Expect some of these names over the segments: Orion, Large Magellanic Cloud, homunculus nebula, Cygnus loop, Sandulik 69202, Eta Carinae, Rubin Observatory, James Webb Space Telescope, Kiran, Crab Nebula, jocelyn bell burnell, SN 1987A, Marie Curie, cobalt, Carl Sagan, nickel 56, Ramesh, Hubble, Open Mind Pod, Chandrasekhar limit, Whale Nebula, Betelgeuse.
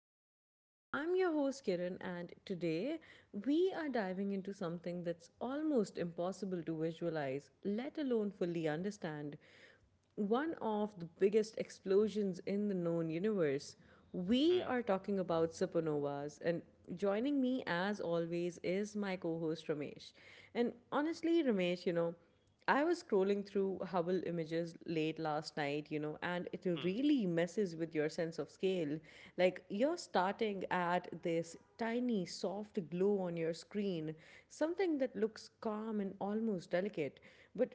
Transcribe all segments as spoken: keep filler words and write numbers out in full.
Pod. I'm your host Kiran, and today we are diving into something that's almost impossible to visualize, let alone fully understand. One of the biggest explosions in the known universe. We are talking Mm, about supernovas, and joining me as always is my co host Ramesh. And honestly, Ramesh, you know, I was scrolling through Hubble images late last night, you know, and it really mm, messes with your sense of scale. Like, you're starting at this tiny, soft glow on your screen, something that looks calm and almost delicate, but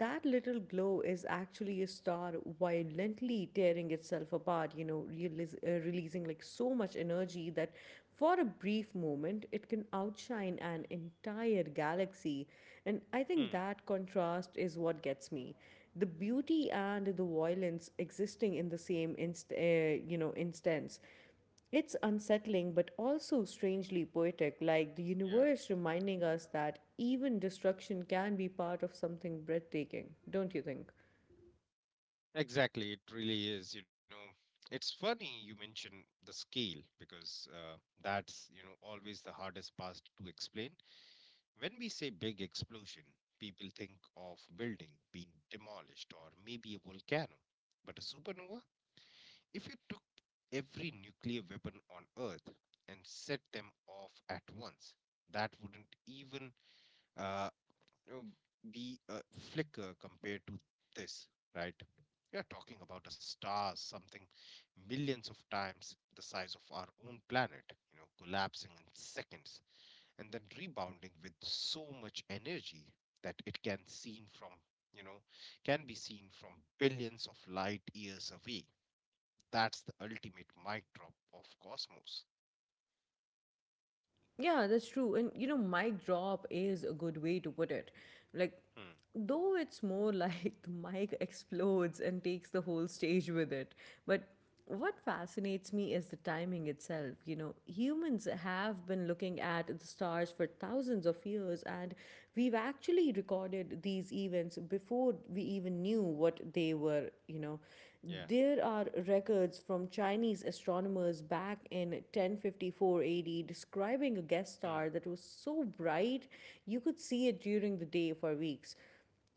that little glow is actually a star violently tearing itself apart, you know, realiz- uh, releasing like so much energy that for a brief moment it can outshine an entire galaxy. And I think that mm. contrast is what gets me. The beauty and the violence existing in the same inst- uh, you know instance. It's unsettling but also strangely poetic, like the universe Yeah, reminding us that even destruction can be part of something breathtaking, don't you think? exactly. It really is. You know, it's funny you mention the scale because uh, that's, you know, always the hardest part to explain. When we say big explosion, people think of building being demolished or maybe a volcano. But a supernova, if you took every nuclear weapon on Earth and set them off at once, that wouldn't even uh, um, be a flicker compared to this, right? We are talking about a star, something millions of times the size of our own planet, you know, collapsing in seconds and then rebounding with so much energy that it can seen from, you know, can be seen from billions of light years away. That's the ultimate mic drop of cosmos. Yeah, that's true. And you know, mic drop is a good way to put it. Like, Hmm. though it's more like the mic explodes and takes the whole stage with it. But what fascinates me is the timing itself. You know, humans have been looking at the stars for thousands of years, and we've actually recorded these events before we even knew what they were, you know. There Yeah. are records from Chinese astronomers back in ten fifty-four A D describing a guest star that was Hmm. so bright you could see it during the day for weeks.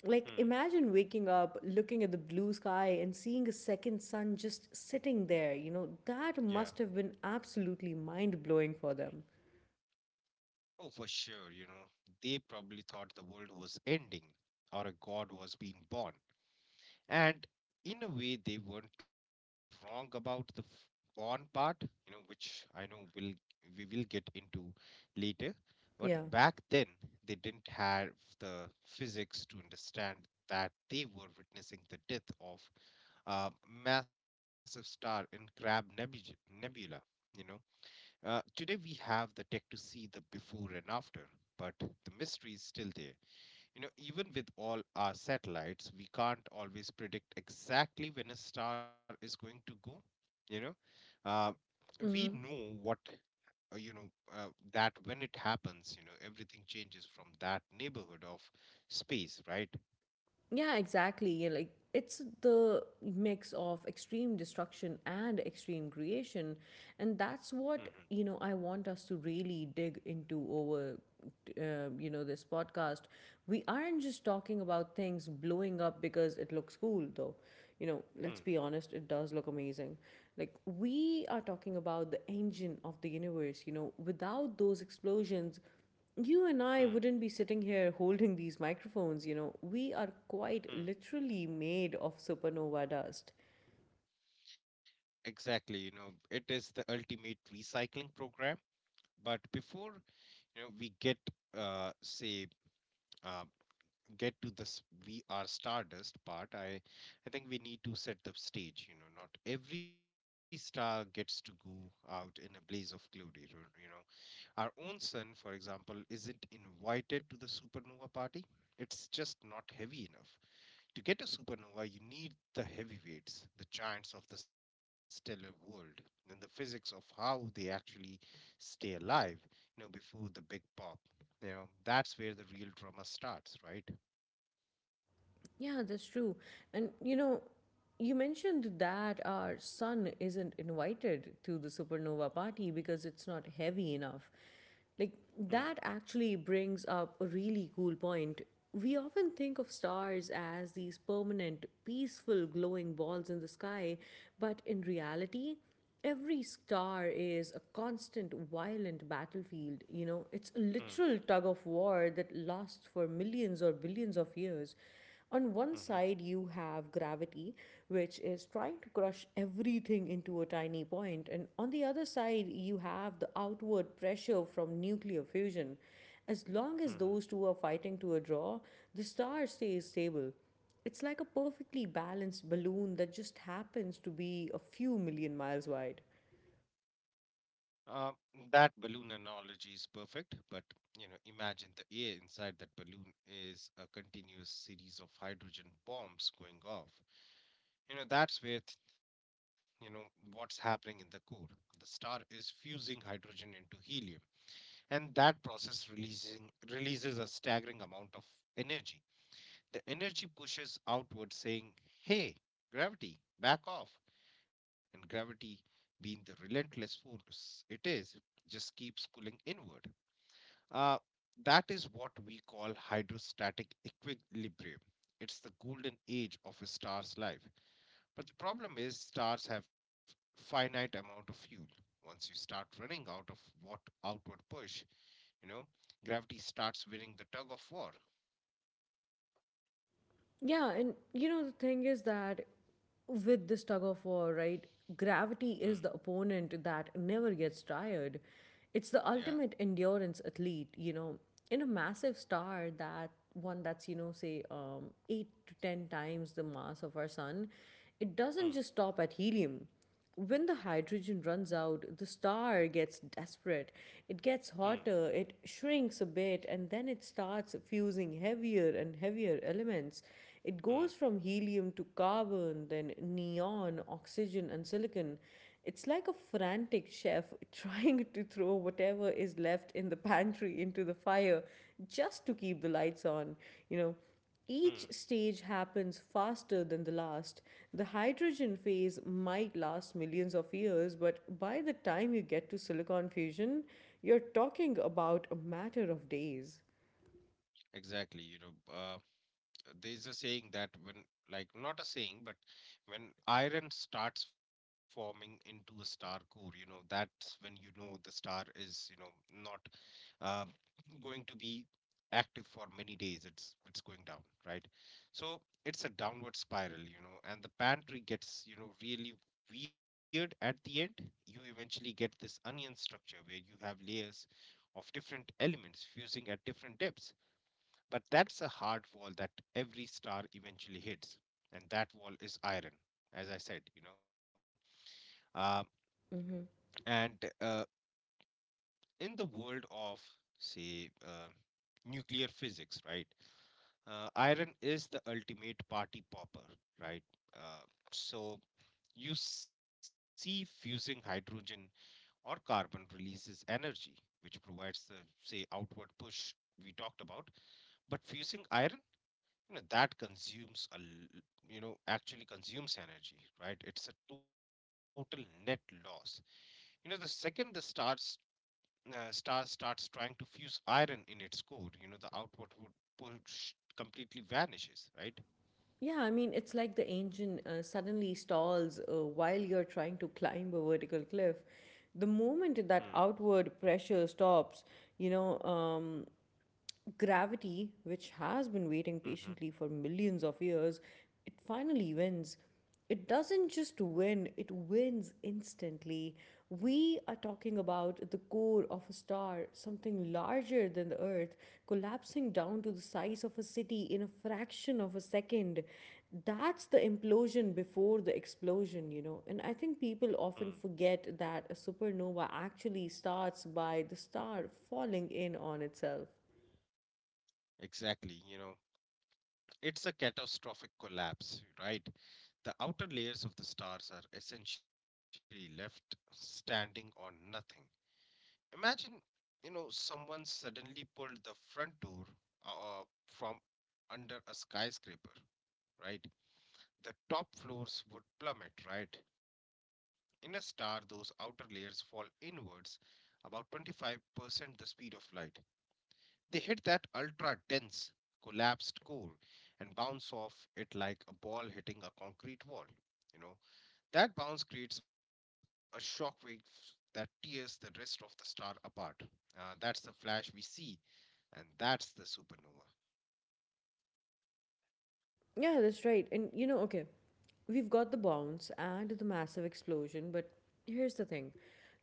Like, imagine Hmm. waking up, looking at the blue sky, and seeing a second sun just sitting there. You know, that must have Yeah. been absolutely mind blowing for them. Oh, for sure, you know, they probably thought the world was ending or a god was being born. And in a way, they weren't wrong about the f- born part, you know, which I know will we will get into later. Yeah. But back then, they didn't have the physics to understand that they were witnessing the death of a massive star in Crab Nebula, Nebula you know uh, Today we have the tech to see the before and after, but the mystery is still there. You know, even with all our satellites, we can't always predict exactly when a star is going to go. You know, uh, Mm-hmm. we know what uh, you know uh, that when it happens, you know, everything changes from that neighborhood of space, right? Yeah, exactly. Yeah, like it's the mix of extreme destruction and extreme creation, and that's what you Hmm. know I want us to really dig into over uh, you know this podcast. We aren't just talking about things blowing up because it looks cool, though. You know, let's be honest, Hmm. it does look amazing. Like we are talking about the engine of the universe. You know, without those explosions you and I wouldn't Hmm. be sitting here holding these microphones, you know. We are quite Hmm. literally made of supernova dust. Exactly, you know, it is the ultimate recycling program. But before you know we get uh say uh, get to this, we are stardust part, i i think we need to set the stage. You know not every star gets to go out in a blaze of glory. Ro- you know our own sun, for example, isn't invited to the supernova party. It's just not heavy enough. To get a supernova, you need the heavyweights, the giants of the stellar world, and the physics of how they actually stay alive, you know, before the big pop. You know, that's where the real drama starts, right? Yeah, that's true. And you know, you mentioned that our sun isn't invited to the supernova party because it's not heavy enough. Like, that Mm, actually brings up a really cool point. We often think of stars as these permanent, peaceful, glowing balls in the sky, but in reality, every star is a constant violent battlefield. You know, it's a literal mm, tug of war that lasts for millions or billions of years. On one side, mhm, you have gravity, which is trying to crush everything into a tiny point, and on the other side, you have the outward pressure from nuclear fusion. As long as those mhm. two are fighting to a draw, the star stays stable. It's like a perfectly balanced balloon that just happens to be a few million miles wide. Uh, that balloon analogy is perfect, but you know, imagine the air inside that balloon is a continuous series of hydrogen bombs going off. You know, that's with, you know, What's happening in the core. The star is fusing hydrogen into helium, and that process releasing releases a staggering amount of energy. The energy pushes outward saying, "Hey, gravity, back off." And gravity, being the relentless force it is, just keeps pulling inward. Uh, that is what we call hydrostatic equilibrium. It's the golden age of a star's life. But the problem is stars have finite amount of fuel. Once you start running out of what outward push, you know, gravity starts winning the tug of war. Yeah, and you know, the thing is that with this tug of war, right, gravity is the Hmm. opponent that never gets tired. It's the ultimate Yeah. endurance athlete, you know, in a massive star, that one that's, you know, say um, eight to ten times the mass of our sun, it doesn't just stop at Hmm. helium when the hydrogen runs out. The star gets desperate. It gets hotter, Hmm. it shrinks a bit, and then it starts fusing heavier and heavier elements. It goes from Hmm. helium to carbon, then neon, oxygen, and silicon. It's like a frantic chef trying to throw whatever is left in the pantry into the fire just to keep the lights on. You know, each Hmm. stage happens faster than the last. The hydrogen phase might last millions of years, but by the time you get to silicon fusion, you're talking about a matter of days. Exactly. You know, uh, there's a saying that when, like, not a saying, but when iron starts forming into a star core, you know, that's when you know the star is, you know, not uh, going to be active for many days. It's it's going down, right? So it's a downward spiral, you know and the pantry gets you know really weird at the end. You eventually get this onion structure where you have layers of different elements fusing at different depths, but that's a hard wall that every star eventually hits, and that wall is iron, as i said. you know uh, Hmm. and uh, in the world of, say uh, nuclear physics, right? Uh, Iron is the ultimate party popper, right? Uh, so you see fusing hydrogen or carbon releases energy, which provides the, say, outward push we talked about. But fusing iron, you know, that consumes a, l- you know, actually consumes energy, right? It's a total net loss. You know, the second the stars uh, star starts trying to fuse iron in its core, you know, the outward would push completely vanishes, right? Yeah, I mean, it's like the engine uh, suddenly stalls uh, while you're trying to climb a vertical cliff. The moment that Hmm. outward pressure stops, you know, um, gravity, which has been waiting patiently Hmm. for millions of years, it finally wins. It doesn't just win, it wins instantly. We are talking about the core of a star, something larger than the Earth, collapsing down to the size of a city in a fraction of a second. That's the implosion before the explosion, you know. And I think people Hmm. often forget that a supernova actually starts by the star falling in on itself. Exactly. You know, it's a catastrophic collapse, right? The outer layers of the stars are essentially left standing on nothing. Imagine, you know, someone suddenly pulled the front door uh, from under a skyscraper, right? The top floors would plummet, right? In a star, those outer layers fall inwards about twenty-five percent the speed of light. They hit that ultra dense, collapsed core and bounce off it like a ball hitting a concrete wall. You know, that bounce creates a shockwave that tears the rest of the star apart. Uh, that's the flash we see, and that's the supernova. Yeah, that's right. And you know, okay, we've got the bounce and the massive explosion, but here's the thing.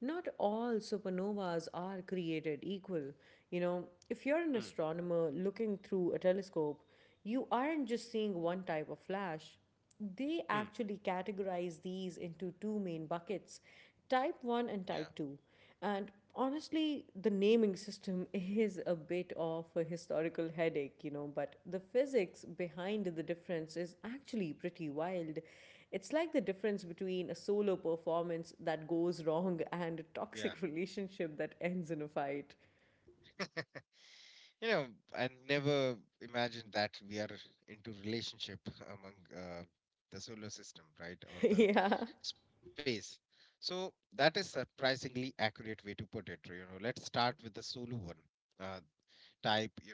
Not all supernovas are created equal. You know, if you're an Mm, astronomer looking through a telescope, you aren't just seeing one type of flash. They actually mm, categorize these into two main buckets: type one and yeah, type two. And honestly, the naming system is a bit of a historical headache, you know, but the physics behind the difference is actually pretty wild. It's like the difference between a solo performance that goes wrong and a toxic yeah. relationship that ends in a fight. You know, I never imagined that we are into relationship among uh, the solar system, right, or Yeah. the space. So that is surprisingly accurate way to put it. You know, let's start with the Solu one. Uh,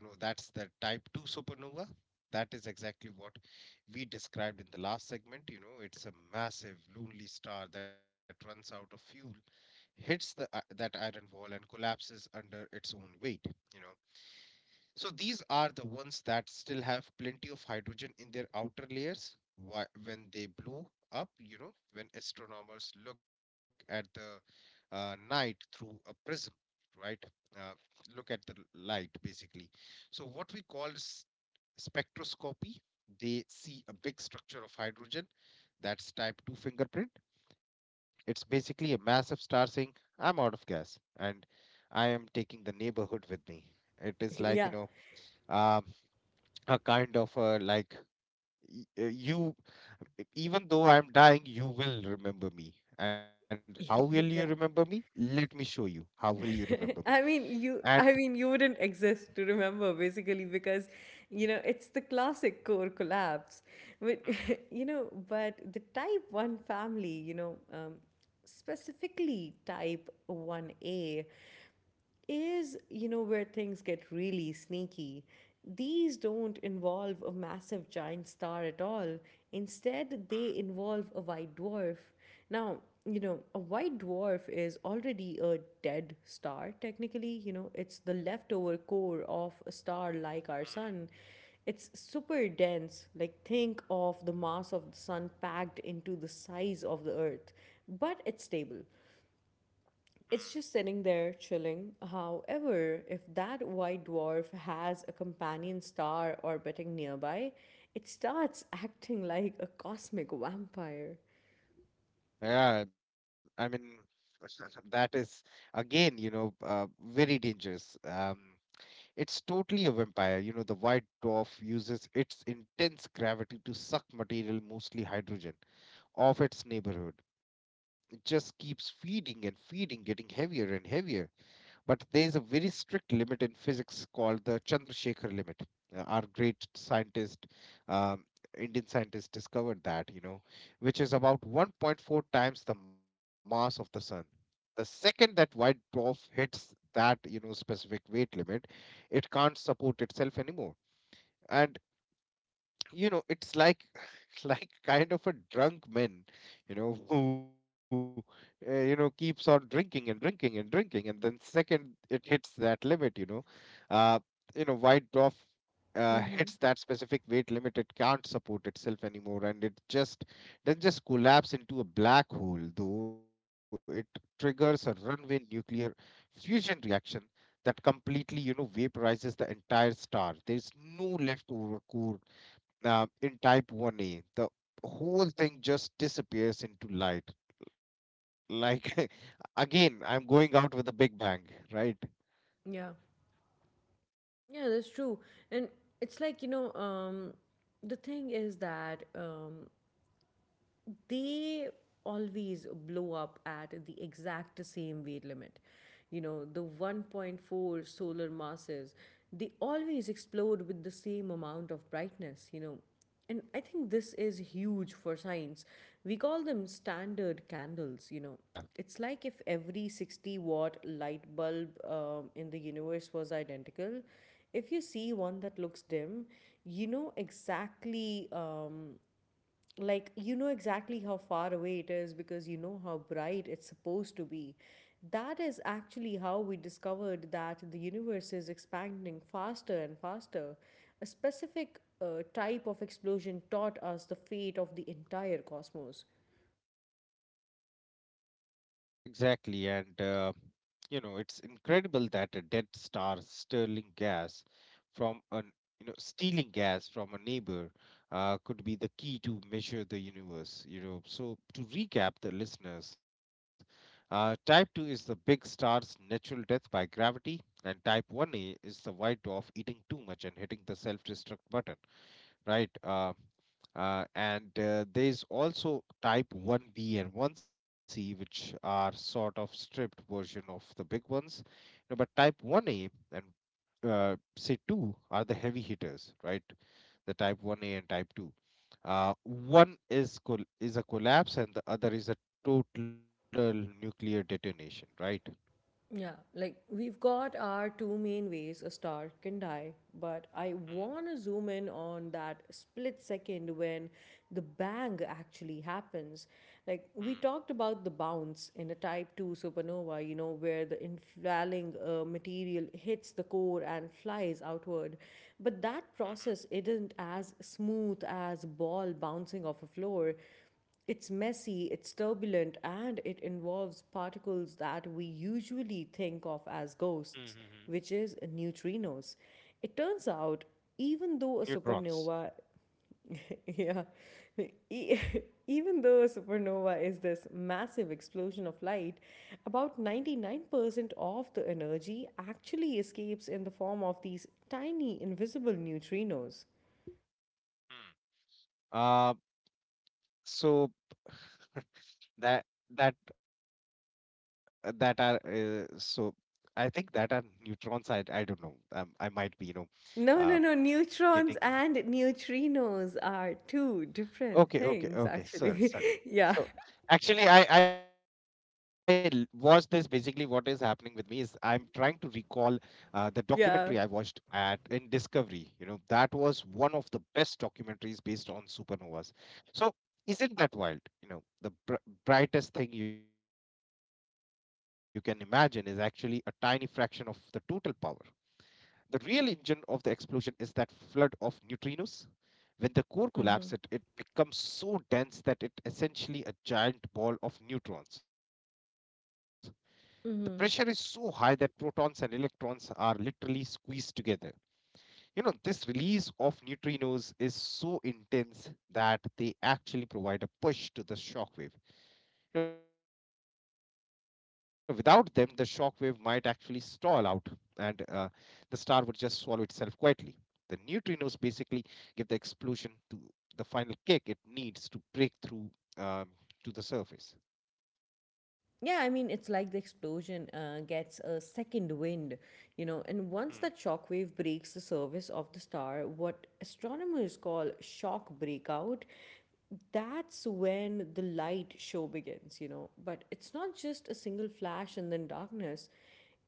type, you know, that's the type two supernova. That is exactly what we described in the last segment. You know, it's a massive, lonely star that runs out of fuel, hits the, i- that iron wall, and collapses under its own weight. You know, so these are the ones that still have plenty of hydrogen in their outer layers. Why, when they blow up, you know, when astronomers look at the uh, night through a prism, right? Uh, look at the l- light basically. So what we call s- spectroscopy, they see a big structure of hydrogen. That's type two fingerprint. It's basically a massive star saying, "I'm out of gas, and I am taking the neighborhood with me." It is like, you Yeah. know, um, a kind of a like y- uh, you, even though I'm dying, you will remember me, and how will you remember me, yeah. let me show you how will you remember me I mean, and you. I mean, you wouldn't exist to remember basically because, you know, it's the classic core collapse. But Hmm, you know, but the type one family, you know, um, specifically type one A is, you know, where things get really sneaky. These don't involve a massive giant star at all. Instead, hmm, they involve a white dwarf. Now, you know, a white dwarf is already a dead star, technically. You know, it's the leftover core of a star like our sun. It's super dense. Like, think of the mass of the sun packed into the size of the earth, but it's stable. hmm, It's just sitting there chilling. However, if that white dwarf has a companion star orbiting nearby, it starts acting like a cosmic vampire. hmm. Yeah, I mean, that is, again, you know uh, very dangerous. Um it's totally a vampire. You know the white dwarf uses its intense gravity to suck material, mostly hydrogen, of its neighborhood. It just keeps feeding and feeding, getting heavier and heavier. But there is a very strict limit in physics called the Chandrasekhar limit. Uh, our great scientist, um, Indian scientist, discovered that, you know, which is about one point four times the mass of the sun. The second that white dwarf hits that, you know, specific weight limit, it can't support itself anymore. And you know it's like like kind of a drunk man, you know who uh, you know keeps on drinking and drinking and drinking, and then second it hits that limit, you know uh you know white dwarf uh, hits Mm-hmm. that specific weight limit, it can't support itself anymore. And it just doesn't just collapse into a black hole, though. It triggers a runaway nuclear fusion reaction that completely, you know vaporizes the entire star. There's no leftover core. Um, in type one a the whole thing just disappears into light, like, "Again, I'm going out with a big bang," right. Yeah. Yeah, that's true. And it's like, you know, um, the thing is that um, they always blow up at the exact same weight limit. You know, the one point four solar masses, they always explode with the same amount of brightness, you know. And I think this is huge for science. We call them standard candles, you know. Yeah. It's like if every sixty watt light bulb um, in the universe was identical. If you see one that looks dim, you know exactly um, like you know exactly how far away it is because you know how bright it's supposed to be. That is actually how we discovered that the universe is expanding faster and faster. A specific uh, type of explosion taught us the fate of the entire cosmos. Exactly, and uh, you know it's incredible that a dead star stealing gas from an you know stealing gas from a neighbor uh, could be the key to measure the universe. You know, so to recap the listeners, uh, type two is the big star's natural death by gravity, and type one A is the white dwarf eating too much and hitting the self-destruct button, right? Uh, uh, and uh, there's also type one b and one c, which are sort of stripped version of the big ones. No, but type one a and uh, say two are the heavy hitters, right? The type one a and type two. Uh, one is col- is a collapse, and the other is a total nuclear detonation, right? Yeah, like we've got our two main ways a star can die, but I Hmm. want to zoom in on that split second when the bang actually happens. Like we Hmm. talked about the bounce in a type two supernova, you know, where the inflating uh, material hits the core and flies outward. But that process isn't as smooth as ball bouncing off a floor. It's messy, it's turbulent, and it involves particles that we usually think of as Mhm. Mhm. Mhm. ghosts, which is neutrinos. It turns out, even though a Neutrons. supernova, yeah, e- even though a supernova is this massive explosion of light, about ninety-nine percent of the energy actually escapes in the form of these tiny invisible neutrinos. Hmm. Uh, so that that uh, that are uh, so I think that are neutrons. I i don't know. Um i might be. You know uh No, no, no. getting Neutrons and neutrinos are two Okay, different okay, okay. things, Sorry, sorry. actually. So Yeah, actually, I I l- watched this. Basically, what is happening with me is I'm trying to recall uh, the documentary I watched yeah. at in Discovery. You know, that was one of the best documentaries based on supernovas. So isn't that wild? You know, the br brightest thing you can imagine is actually a tiny fraction of the total power. The real engine of the explosion is that flood of neutrinos. When the core collapses, it, it Mm-hmm. becomes so dense that it essentially a giant ball of neutrons. The pressure is so high that Mm-hmm. protons and electrons are literally squeezed together. You know, this release of neutrinos is so intense that they actually provide a push to the shock wave. You know, without them, the shock wave might actually stall out, and uh, the star would just swallow itself quietly. The neutrinos basically give the explosion to the final kick it needs to break through um, to the surface. Yeah, I mean, it's like the explosion uh, gets a second wind, you know, Hmm. and once that shockwave breaks the surface of the star, what astronomers call shock breakout, that's when the light show begins, you know. But it's not Yeah. just a single flash and then darkness.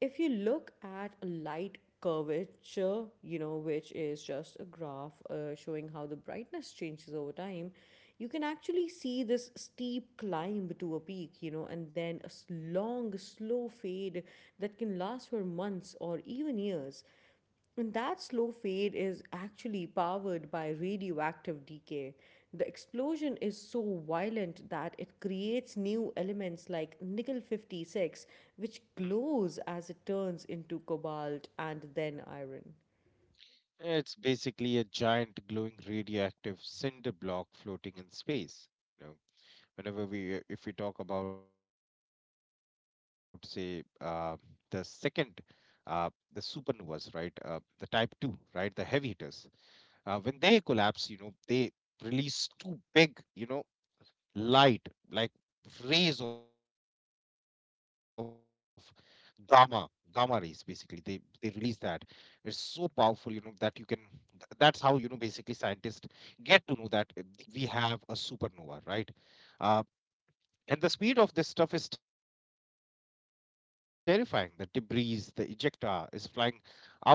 If you look at a light curvature, you know, which is just a graph uh, showing how the brightness changes over time, you can actually see this steep climb to a peak, you know, and then a s- long, slow fade that can last for months or even years. And that slow fade is actually powered by radioactive decay. The explosion is so violent that it creates new elements like nickel fifty-six, which Hmm. glows as it turns into cobalt and then iron. It's basically a giant glowing radioactive cinder block floating in space. You know, whenever we if we talk about, say, uh, the second uh, the supernovas, right, uh, the type two, right, the heavy hitters, uh, when they collapse, you know, they release two big, you know, light, like, rays of gamma gamma rays. Basically, they they release that. It's so powerful, you know, that you can th- that's how, you know, basically scientists get to know that, uh, we have a supernova, right? Uh, and the speed of this stuff is terrifying. The debris, the ejecta is flying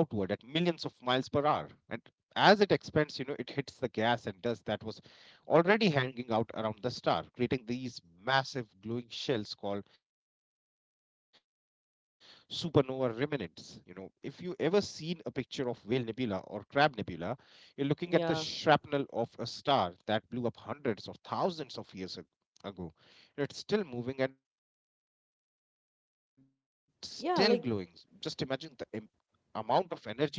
outward at millions of miles per hour. And as it expands, you know, it hits the gas and dust that was already hanging out around the star, creating these massive glowing shells called supernova remnants. You know, if you ever seen a picture of Whale Nebula or Crab Nebula, you're Yeah. looking at the shrapnel of a star that blew up hundreds or thousands of years ag- ago. It's still moving and still glowing. Just Yeah, imagine like the im- amount of energy we are talking about.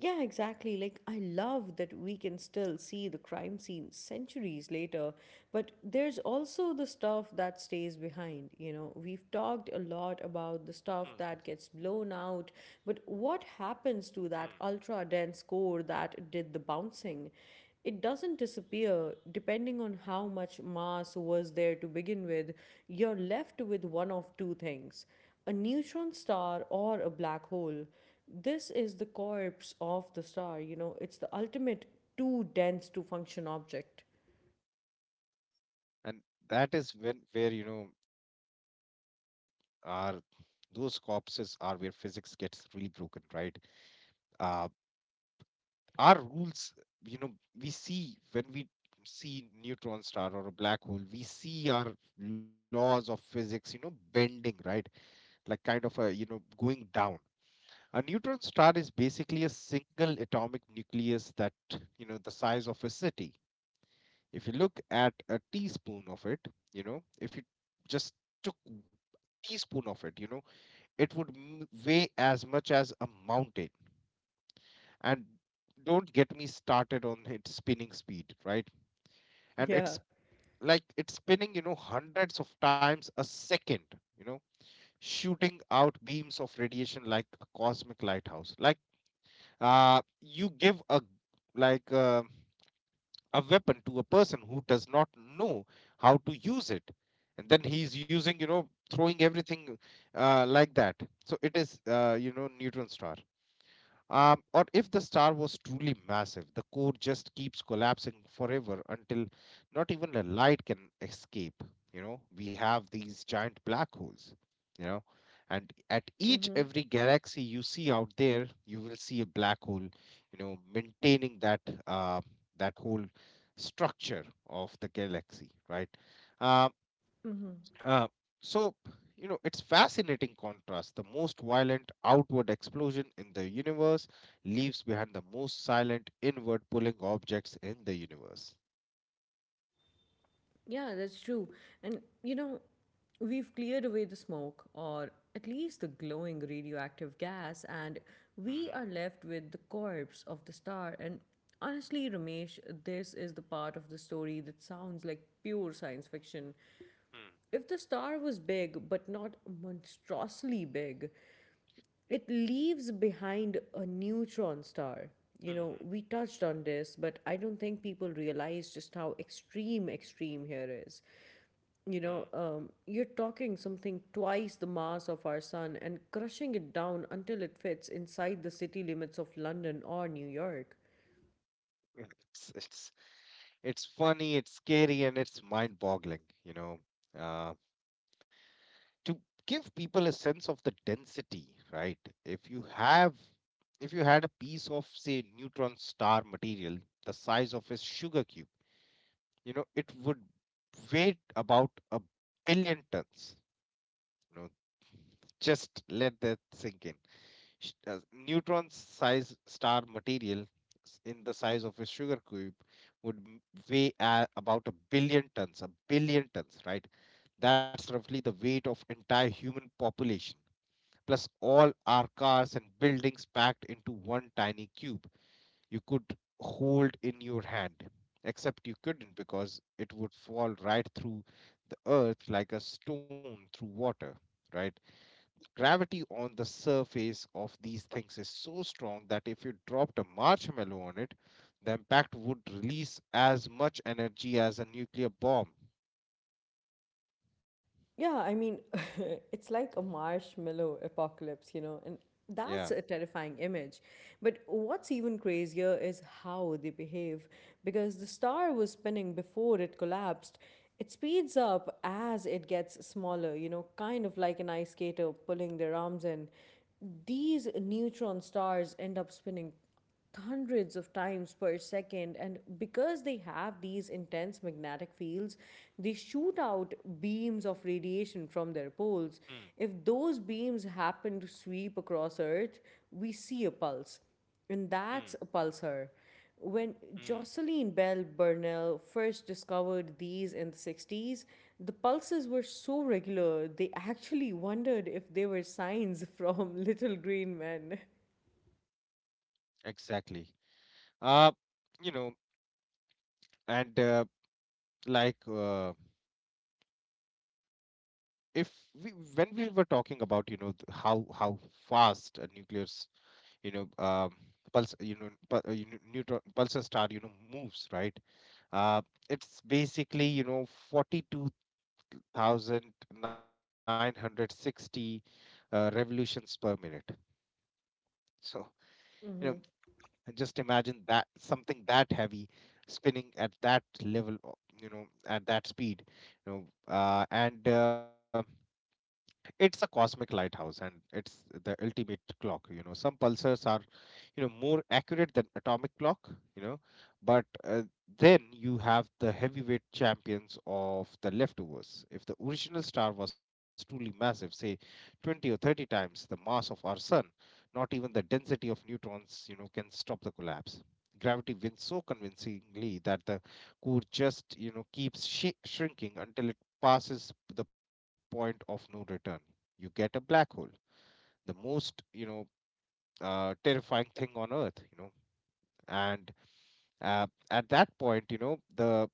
Yeah, exactly. Like, I love that we can still see the crime scene centuries later, but there's also the stuff that stays behind. You know, we've talked a lot about Hmm. the stuff that gets blown out, but what happens to that Hmm. ultra dense core that did the bouncing? It doesn't disappear. Depending on how much mass was there to begin with, you're left with one of two things: a neutron star or a black hole. This is the corpse of the star. You know, it's the ultimate too dense to function object. And that is when where you know, our those corpses are where physics gets really broken, right? uh our rules, you know, we see when we see neutron star or a black hole, we see our laws of physics, you know, bending, right? Like, kind of a, you know, going down. A neutron star is basically a single atomic nucleus that, you know, the size of a city. If you look at a teaspoon of it, you know, if you just took teaspoon of it, you know, it would m- weigh as much as a mountain. And don't get me started on its spinning speed, right? And Yeah. it's like, it's spinning, you know, hundreds of times a second, you know, shooting out beams of radiation like a cosmic lighthouse. Like, uh, you give a, like, uh, a weapon to a person who does not know how to use it, and then he's using, you know, throwing everything, uh, like that. So it is, uh, you know, neutron star. Um, or if the star was truly massive, the core just keeps collapsing forever until not even a light can escape. You know, we have these giant black holes, you know, and at each Mm-hmm. every galaxy you see out there, you will see a black hole, you know, maintaining that uh, that whole structure of the galaxy, right? Uh, uh, so, you know, it's fascinating contrast. The most violent outward explosion in the universe leaves behind the most silent inward pulling objects in the universe. Yeah, that's true. And, you know, we've cleared away the smoke, or at least the glowing radioactive gas, and we Mm-hmm. are left with the corpse of the star. And honestly, Ramesh, this is the part of the story that sounds like pure science fiction. If the star was big, but not monstrously big, it leaves behind a neutron star. You know, we Mm-hmm. touched on this, but I don't think people realize just how extreme extreme here is. You know, um, you're talking something twice the mass of our sun and crushing it down until it fits inside the city limits of London or New York. Mm-hmm. It's, it's, it's funny, it's scary, and it's mind boggling, you know. Uh, to give people a sense of the density, right? If you have, if you had a piece of, say, neutron star material the size of a sugar cube, you know, it would weigh about a billion tons. You know, just let that sink in. Sh- uh, Neutron size star material s- in the size of a sugar cube would m- weigh, uh, about a billion tons, a billion tons, right? That's roughly the weight of entire human population plus all our cars and buildings packed into one tiny cube you could hold in your hand, except you couldn't because it would fall right through the earth like a stone through water, right? Gravity on the surface of these things is so strong that if you dropped a marshmallow on it, the impact would release as much energy as a nuclear bomb. Yeah, I mean, it's like a marshmallow apocalypse, you know, and that's Yeah. a terrifying image. But what's even crazier is how they behave, because the star was spinning before it collapsed. It speeds up as it gets smaller, you know, kind of like an ice skater pulling their arms in. These neutron stars end up spinning hundreds of times per second, and because they have these intense magnetic fields, they shoot out beams of radiation from their poles. Hmm. If those beams happen to sweep across Earth, we see a pulse, and that's Hmm. a pulsar. When Hmm. Jocelyn Bell Burnell first discovered these in the sixties, the pulses were so regular they actually wondered if they were signs from little green men. Exactly. Uh, you know, and uh, like uh, if we when we were talking about, you know, th- how how fast a nucleus, you know, um pulse, you know, pu- uh, you know, neutron pulsar star, you know, moves, right? uh it's basically, you know, forty-two thousand nine hundred sixty, uh, revolutions per minute. So, you know, Mm-hmm. and just imagine that something that heavy spinning at that level o- you know, at that speed, you know, uh, and uh, it's a cosmic lighthouse and it's the ultimate clock. You know, some pulsars are, you know, more accurate than atomic clock, you know, but uh, then you have the heavyweight champions of the leftovers. If the original star was truly massive, say twenty or thirty times the mass of our sun, not even the density of neutrons, you know, can stop the collapse. Gravity wins so convincingly that the core just, you know, keeps shi shrinking until passes the point of no return. You get a black hole, the most, you know, uh, terrifying thing on earth, you know. And uh, At that point, you know, the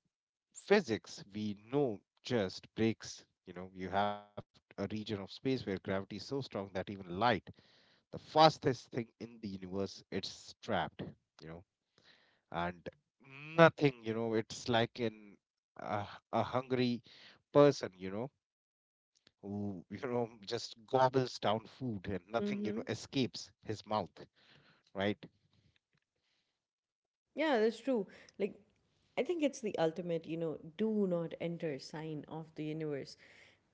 physics we know just breaks. You know, you have a region of space where gravity is so strong that even light, the fastest thing in the universe, it's trapped, you know. And nothing, you know, it's like in a, a hungry person, you know, who you know, just gobbles down food and nothing, you know, Mm-hmm. escapes his mouth, right? Yeah, that's true. Like, I think it's the ultimate, you know, do not enter sign of the universe.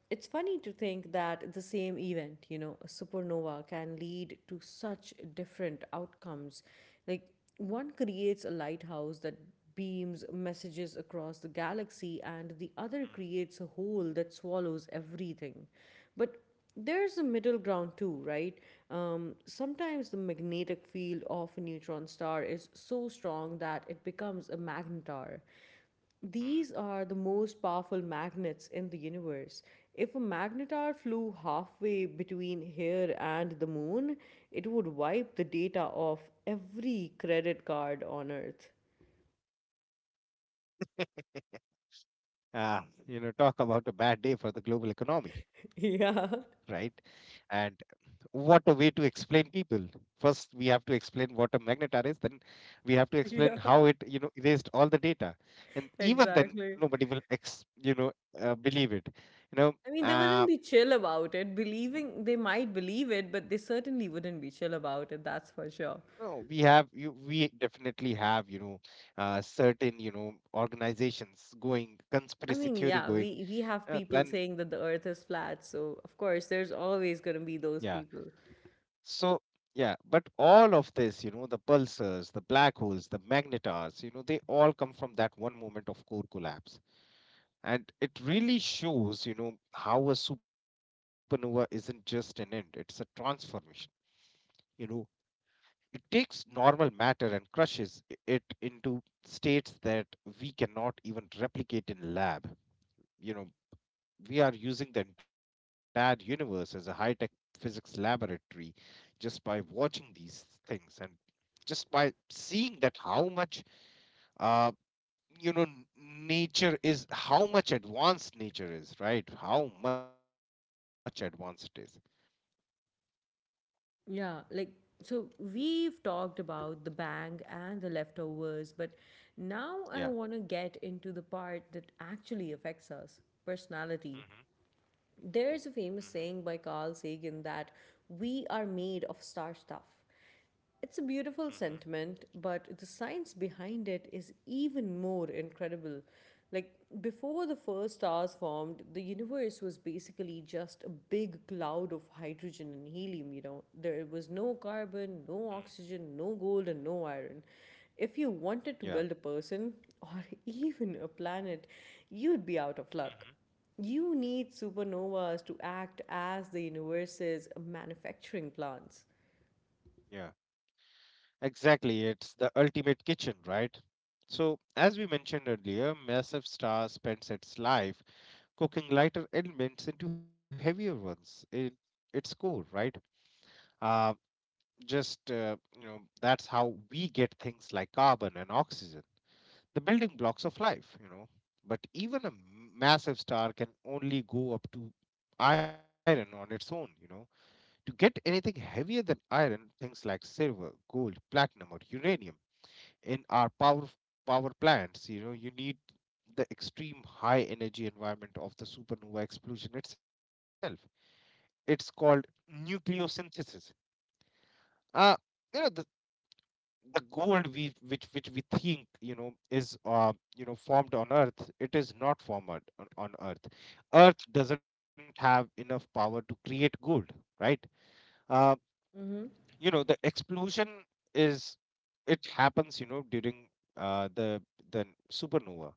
It's funny to think that the same event, you know, a supernova can lead to such different outcomes. Like, one creates a lighthouse that beams messages across the galaxy, and the other creates a hole that swallows everything. But there's a middle ground too, right? Um, sometimes the magnetic field of a neutron star is so strong that it becomes a magnetar. Mm, These mm. are the most powerful magnets in the universe. If a magnetar flew halfway between here and the moon, it would wipe the data off every credit card on Earth. Ah, you know, talk about a bad day for the global economy, right? Yeah, And what a way to explain people, first we have to explain what a magnet r is, then we have to explain yeah, how it, you know, erased all the data. And even then exactly. nobody will ex you know, uh, believe it. I You mean, they know, wouldn't be chill uh, about it. Believing they might believe it, but they certainly wouldn't be chill about it. That's for sure. you we have you we definitely have, you know, uh, certain, you know, organizations going I mean, conspiracy yeah, theory we we going. have people Uh, saying that then the Earth is flat, so of course there's always gonna Yeah. be those people. So, yeah, but all of this, you know, the pulsars, the black holes, the magnetars, you know, they all come from that one moment of core collapse. And it really shows, you know, how a supernova isn't just an end, it's a transformation. You know, it takes normal matter and crushes i- it into states that we cannot even replicate in lab. You know, we are using the entire universe as a high tech physics laboratory just by watching these things and just by seeing that how much, uh, you know, n- nature is, how much advanced nature is, right? How much advanced it is. Yeah, like so we've talked about the bang and the leftovers, but now Yeah. I want to get into the part that actually affects us, personality. Mm-hmm. Mm-hmm. There's a famous saying by Carl Sagan that we are made of star stuff. It's a beautiful sentiment, but the science behind it is even more incredible. Like, before the first stars formed, the universe was basically just a big cloud of hydrogen and helium, you know. There was no carbon, Mm-hmm. no oxygen, no gold, and no iron. If you Yeah. wanted to build a person or even a planet, you'd be out of luck. Mm-hmm. You need supernovas to act as the universe's manufacturing plants. Yeah, exactly, it's the ultimate kitchen, right? So as we mentioned earlier, massive star spends its life cooking lighter elements into heavier ones in its core, right? uh, just uh, You know, that's how we get things like carbon and oxygen, the building blocks of life, you know. But even a massive star can only go up to iron on its own, you know. To get anything heavier than iron, things like silver, gold, platinum, or uranium in our power power plants, you know, you need the extreme high energy environment of the supernova explosion itself. It's called nucleosynthesis. Uh, you know, the the gold we, which which we think, you know, is, uh you know, formed on earth, it is not formed on, on earth. Earth doesn't have enough power to create gold, right? uh you know, the explosion is, it happens, you know, during uh the the supernova.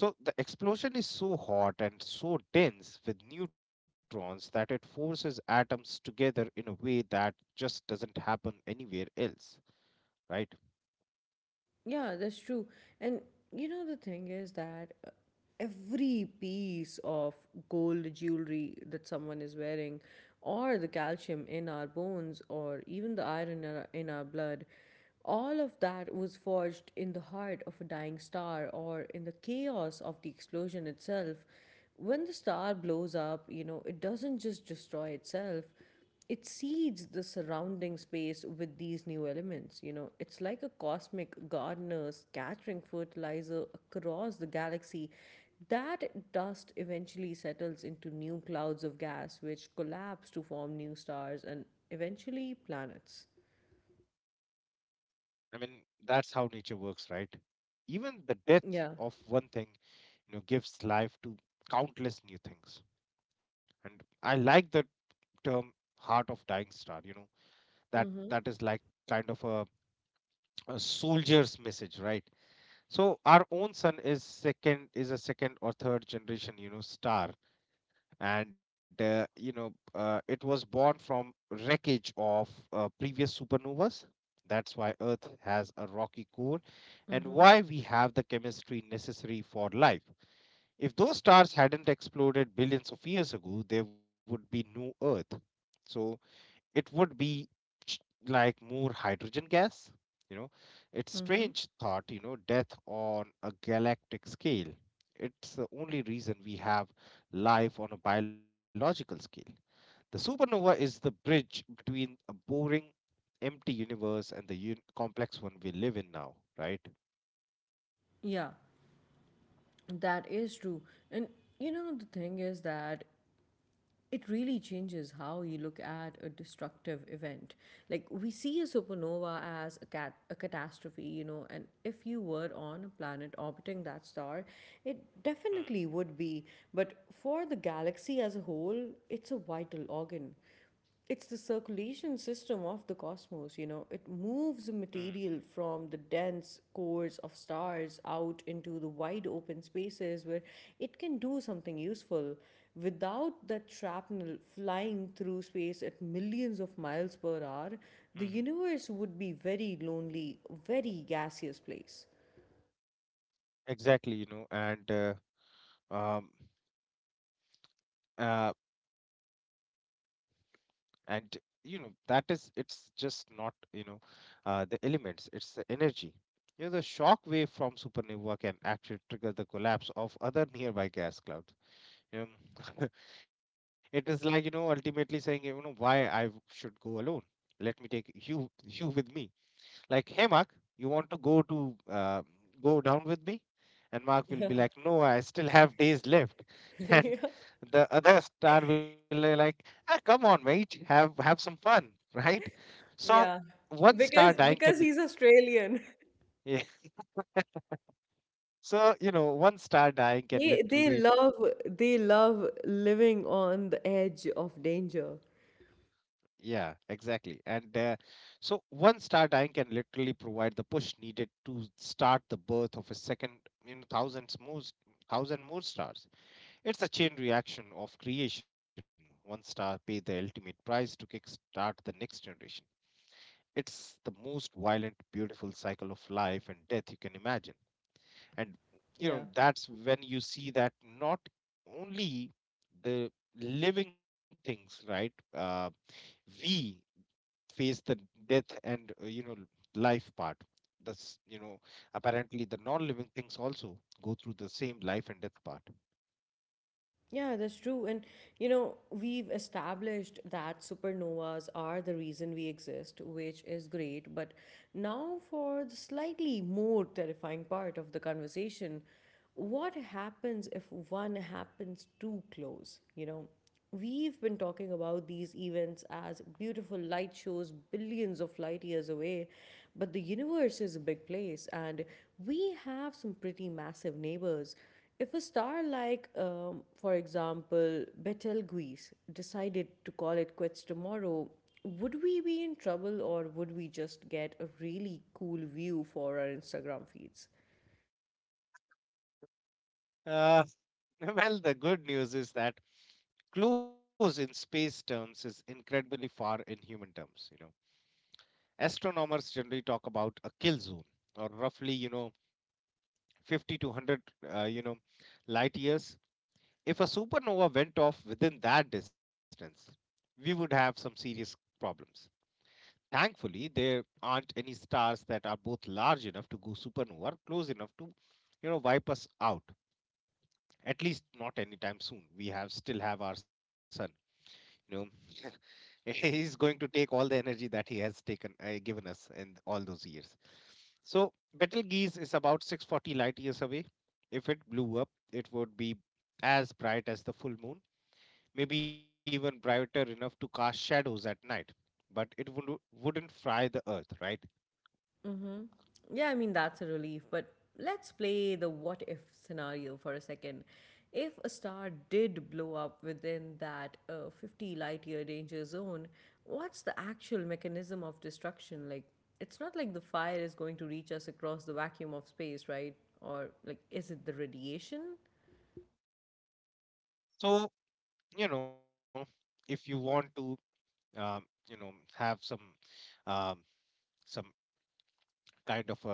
So the explosion is so hot and so dense with neutrons that it forces atoms together in a way that just doesn't happen anywhere else, right? Yeah, that's true. And you know, the thing is that uh, every piece of gold jewelry that someone is wearing, or the calcium in our bones, or even the iron in our, in our blood, all of that was forged in the heart of a dying star or in the chaos of the explosion itself. When the star blows up, you know, it doesn't just destroy itself, it seeds the surrounding space with these new elements. You know, it's like a cosmic gardener scattering fertilizer across the galaxy. That dust eventually settles into new clouds of gas, which collapse to form new stars and eventually planets. I mean, that's how nature works, right? Even the Yeah. death of one thing, you know, gives life to countless new things. And I like the term heart of dying star, you know, that Mm-hmm. that is like kind of a, a soldier's message, right? So our own sun is second is a second or third generation, you know, star. And uh, You know, uh, it was born from wreckage of, uh, previous supernovas. That's why earth has a rocky core and Mm-hmm. why we have the chemistry necessary for life. If those stars hadn't exploded billions of years ago, there would be no earth. So it would be ch- like more hydrogen gas. You know, it's Mm-hmm. strange thought, you know, death on a galactic scale. It's the only reason we have life on a biological scale. The supernova is the bridge between a boring, empty universe and the un- complex one we live in now, right? Yeah, that is true. And you know, the thing is that it really changes how you look at a destructive event. Like we see a supernova as a cat a catastrophe, you know, and if you were on a planet orbiting that star, it Hmm, definitely would be. But for the galaxy as a whole, it's a vital organ. It's the circulation system of the cosmos, you know. It moves hmm, material from the dense cores of stars out into the wide open spaces where it can do something useful. Without that shrapnel flying through space at millions of miles per hour, mhm. the universe would be very lonely, very gaseous place. Exactly. You know, and uh, um, uh, and you know, that is, it's just not, you know, uh, the elements, it's the energy. You know, the shock wave from supernova can actually trigger the collapse of other nearby gas clouds, you know. It is like, you know, ultimately saying, you know, why i w- should go alone, let me take you you with me. Like, "Hey, Mark, you want to go to, uh, go down with me?" And Mark will be Yeah. like, "No, I still have days left." And Yeah. the other star will be like, ah, "Come on, mate, have have some fun, right?" So Yeah. one star Because dying can, because he's Australian. yeah. So you know, one star dying can They they literally, love they love living on the edge of danger. yeah, exactly. And uh, so one star dying can literally provide the push needed to start the birth of a second, you know, thousands more, thousand more stars. It's a chain reaction of creation. One star paid the ultimate price to kickstart the next generation. It's the most violent, beautiful cycle of life and death you can imagine. And you Yeah. know, that's when you see that not only the living things, right? Uh, we face the death and uh, you know life part. That's you know apparently the non-living things also go through the same life and death part. Yeah, that's true. And, you know, we've established that supernovas are the reason we exist, which is great. But now, for the slightly more terrifying part of the conversation, what happens if one happens too close? You know, we've been talking about these events as beautiful light shows billions of light years away, but the universe is a big place and we have some pretty massive neighbors. If a star like, um, for example, Betelgeuse decided to call it quits tomorrow, would we be in trouble or would we just get a really cool view for our Instagram feeds? Uh, well, the good news is that close in space terms is incredibly far in human terms. You know, astronomers generally talk about a kill zone, or roughly, you know, fifty to one hundred, uh, you know, light years. If a supernova went off within that distance, we would have some serious problems. Thankfully, there aren't any stars that are both large enough to go supernova or close enough to, you know, wipe us out. At least not anytime soon. We have still have our sun you know he's going to take all the energy that he has taken uh, given us in all those years, so Betelgeuse is about six hundred forty light years away. If it blew up, it would be as bright as the full moon, maybe even brighter, enough to cast shadows at night, but it wouldn't wouldn't fry the earth, right? Yeah, I mean, that's a relief, but let's play the what if scenario for a second. If a star did blow up within that uh, fifty light year danger zone, what's the actual mechanism of destruction? Like, it's not like the fire is going to reach us across the vacuum of space, right? Or, like, is it the radiation? So you know if you want to um, you know have some um, some kind of a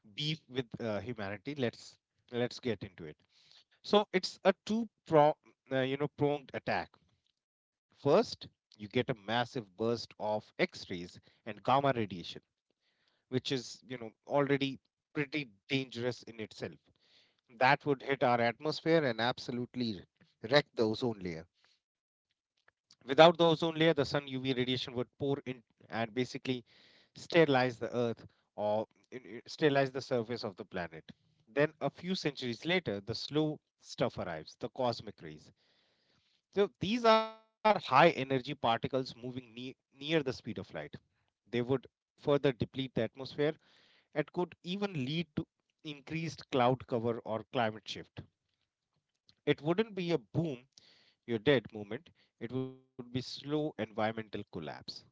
beef with uh, humanity, let's let's get into it. So it's a two pro, uh, you know, pronged attack. First, you get a massive burst of X-rays and gamma radiation, which is, you know, already pretty dangerous in itself. That would hit our atmosphere and absolutely wreck the ozone layer. Without the ozone layer, the sun U V radiation would pour in and basically sterilize the earth, or uh, uh, sterilize the surface of the planet. Then a few centuries later, the slow stuff arrives, the cosmic rays. So these are high energy particles moving ne- near the speed of light. They would further deplete the atmosphere and could even lead to increased cloud cover or climate shift. It wouldn't be a boom, you're dead moment. It would be slow environmental collapse, right?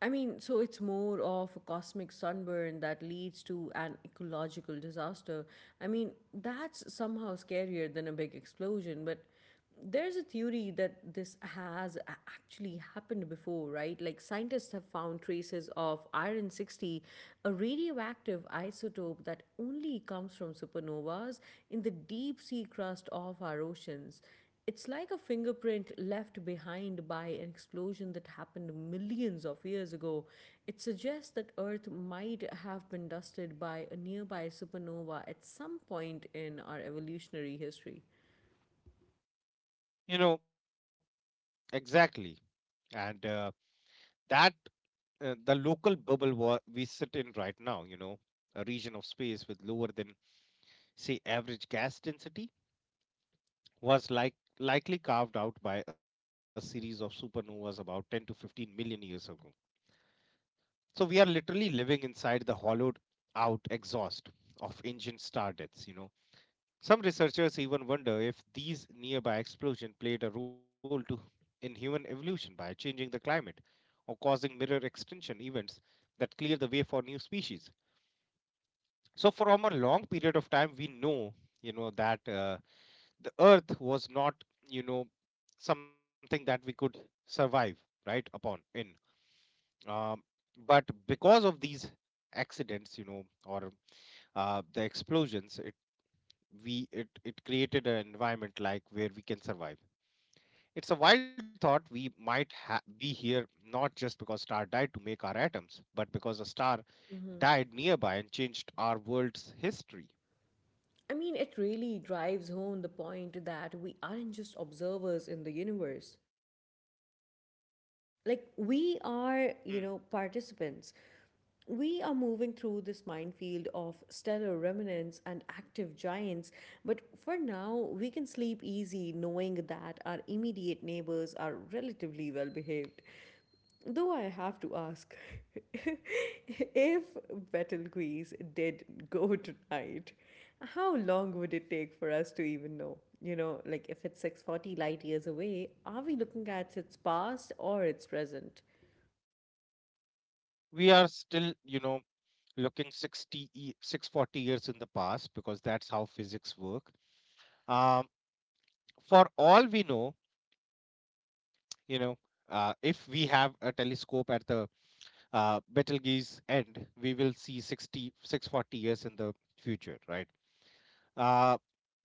I mean, so it's more of a cosmic sunburn that leads to an ecological disaster. I mean, that's somehow scarier than a big explosion, but there's a theory that this has a- actually happened before, right? Like, scientists have found traces of iron sixty, a radioactive isotope that only comes from supernovas in the deep sea crust of our oceans. It's like a fingerprint left behind by an explosion that happened millions of years ago. It suggests that Earth might have been dusted by a nearby supernova at some point in our evolutionary history. You know, exactly. And uh, That, uh, the local bubble wa- we sit in right now, you know, a region of space with lower than, say, average gas density was like likely carved out by a series of supernovas about ten to fifteen million years ago. So we are literally living inside the hollowed out exhaust of ancient star deaths, you know. Some researchers even wonder if these nearby explosions played a role to, in human evolution by changing the climate or causing mirror extinction events that clear the way for new species. So from a long period of time, we know, you know, that uh, the earth was not you know something that we could survive right upon in um, but because of these accidents you know or uh, the explosions, it we it, it created an environment like where we can survive. It's a wild thought: we might ha- be here not just because star died to make our atoms, but because a star died nearby and changed our world's history. I mean, it really drives home the point that we aren't just observers in the universe. Like, we are, you Hmm. know, participants. We are moving through this minefield of stellar remnants and active giants, but for now we can sleep easy knowing that our immediate neighbors are relatively well behaved. Though I have to ask, if Betelgeuse did go tonight, how long would it take for us to even know? You know, like if it's six hundred forty light years away, are we looking at its past or its present? We are still you know looking 60, six hundred forty years in the past because that's how physics work. Um, for all we know, you know, uh, if we have a telescope at the uh, Betelgeuse end, we will see 60, six hundred forty years in the future, right? Uh,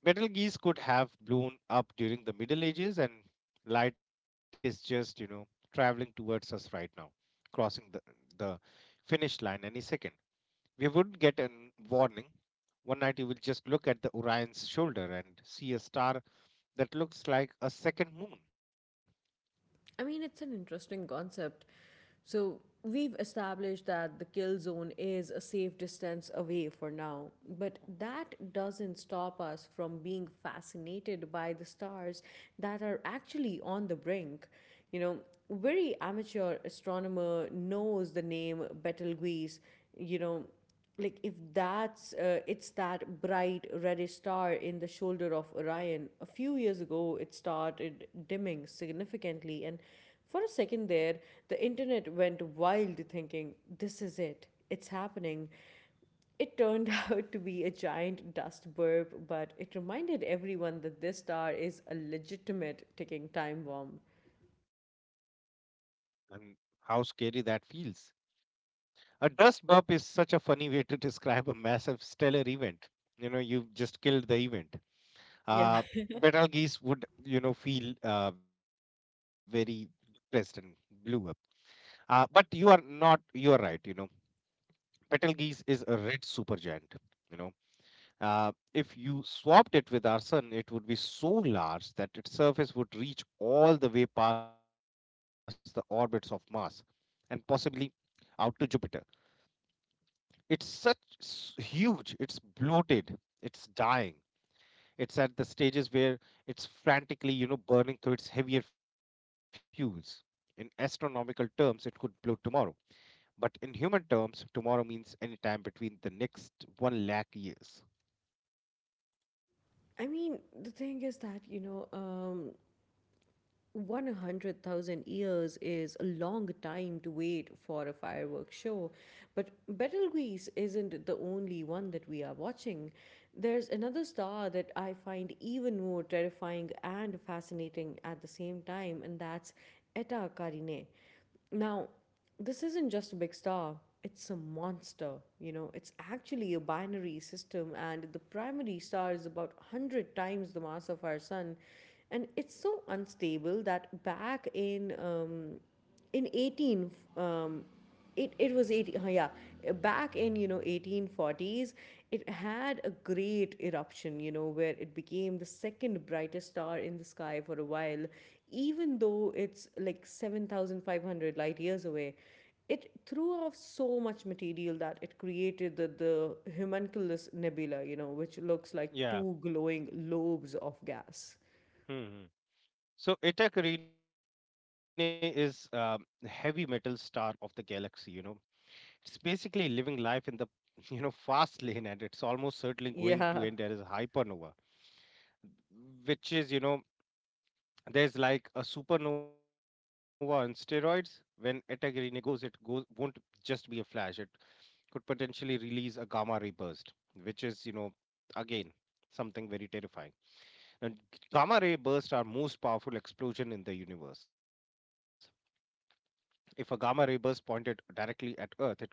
Betelgeuse could have blown up during the Middle Ages, and light is just, you know, traveling towards us right now, crossing the, the finish line any second. We wouldn't get a warning. One night you will just look at the Orion's shoulder and see a star that looks like a second moon. I mean, it's an interesting concept. So, we've established that the kill zone is a safe distance away for now, but that doesn't stop us from being fascinated by the stars that are actually on the brink. You know, very amateur astronomer knows the name Betelgeuse, you know, like if that's uh, it's that bright reddish star in the shoulder of Orion. A few years ago it started dimming significantly, and for a second there the internet went wild thinking this is it, it's happening. It turned out to be a giant dust burp, but it reminded everyone that this star is a legitimate ticking time bomb. And how scary that feels. A dust burp is such a funny way to describe a massive stellar event. You know, you've just killed the event. Yeah. Uh, Betel geese would, you know, feel uh, very depressed and blue up. Uh, but you are not, you are right, you know. Betelgeuse is a red supergiant, you know. Uh, if you swapped it with our sun, it would be so large that its surface would reach all the way past the orbits of Mars and possibly out to Jupiter. It's such s- huge, it's bloated, it's dying. It's at the stages where it's frantically, you know, burning through its heavier fuels. In astronomical terms, it could blow tomorrow. But in human terms, tomorrow means any time between the next one lakh years. I mean, the thing is that, you know, um, one hundred thousand years is a long time to wait for a fireworks show. But Betelgeuse isn't the only one that we are watching. There's another star that I find even more terrifying and fascinating at the same time, and that's Eta Carinae. Now, this isn't just a big star, it's a monster. You know, it's actually a binary system, and the primary star is about one hundred times the mass of our sun. And it's so unstable that back in um, in eighteen um, it it was eighteen, yeah. Uh, back in you know eighteen forties it had a great eruption, you know, where it became the second brightest star in the sky for a while, even though it's like seven thousand five hundred light years away. It threw off so much material that it created the, the homunculus nebula, you know, which looks like Yeah. two glowing lobes of gas. Hmm. So Eta Carinae is um, the heavy metal star of the galaxy, you know. It's basically living life in the you know fast lane, and it's almost certainly going to end as a hypernova, which is, you know, there's like a supernova on steroids. When Eta Carinae goes, it goes won't just be a flash. It could potentially release a gamma ray burst, which is, you know, again something very terrifying. And gamma ray bursts are most powerful explosion in the universe. If a gamma ray burst pointed directly at Earth, it could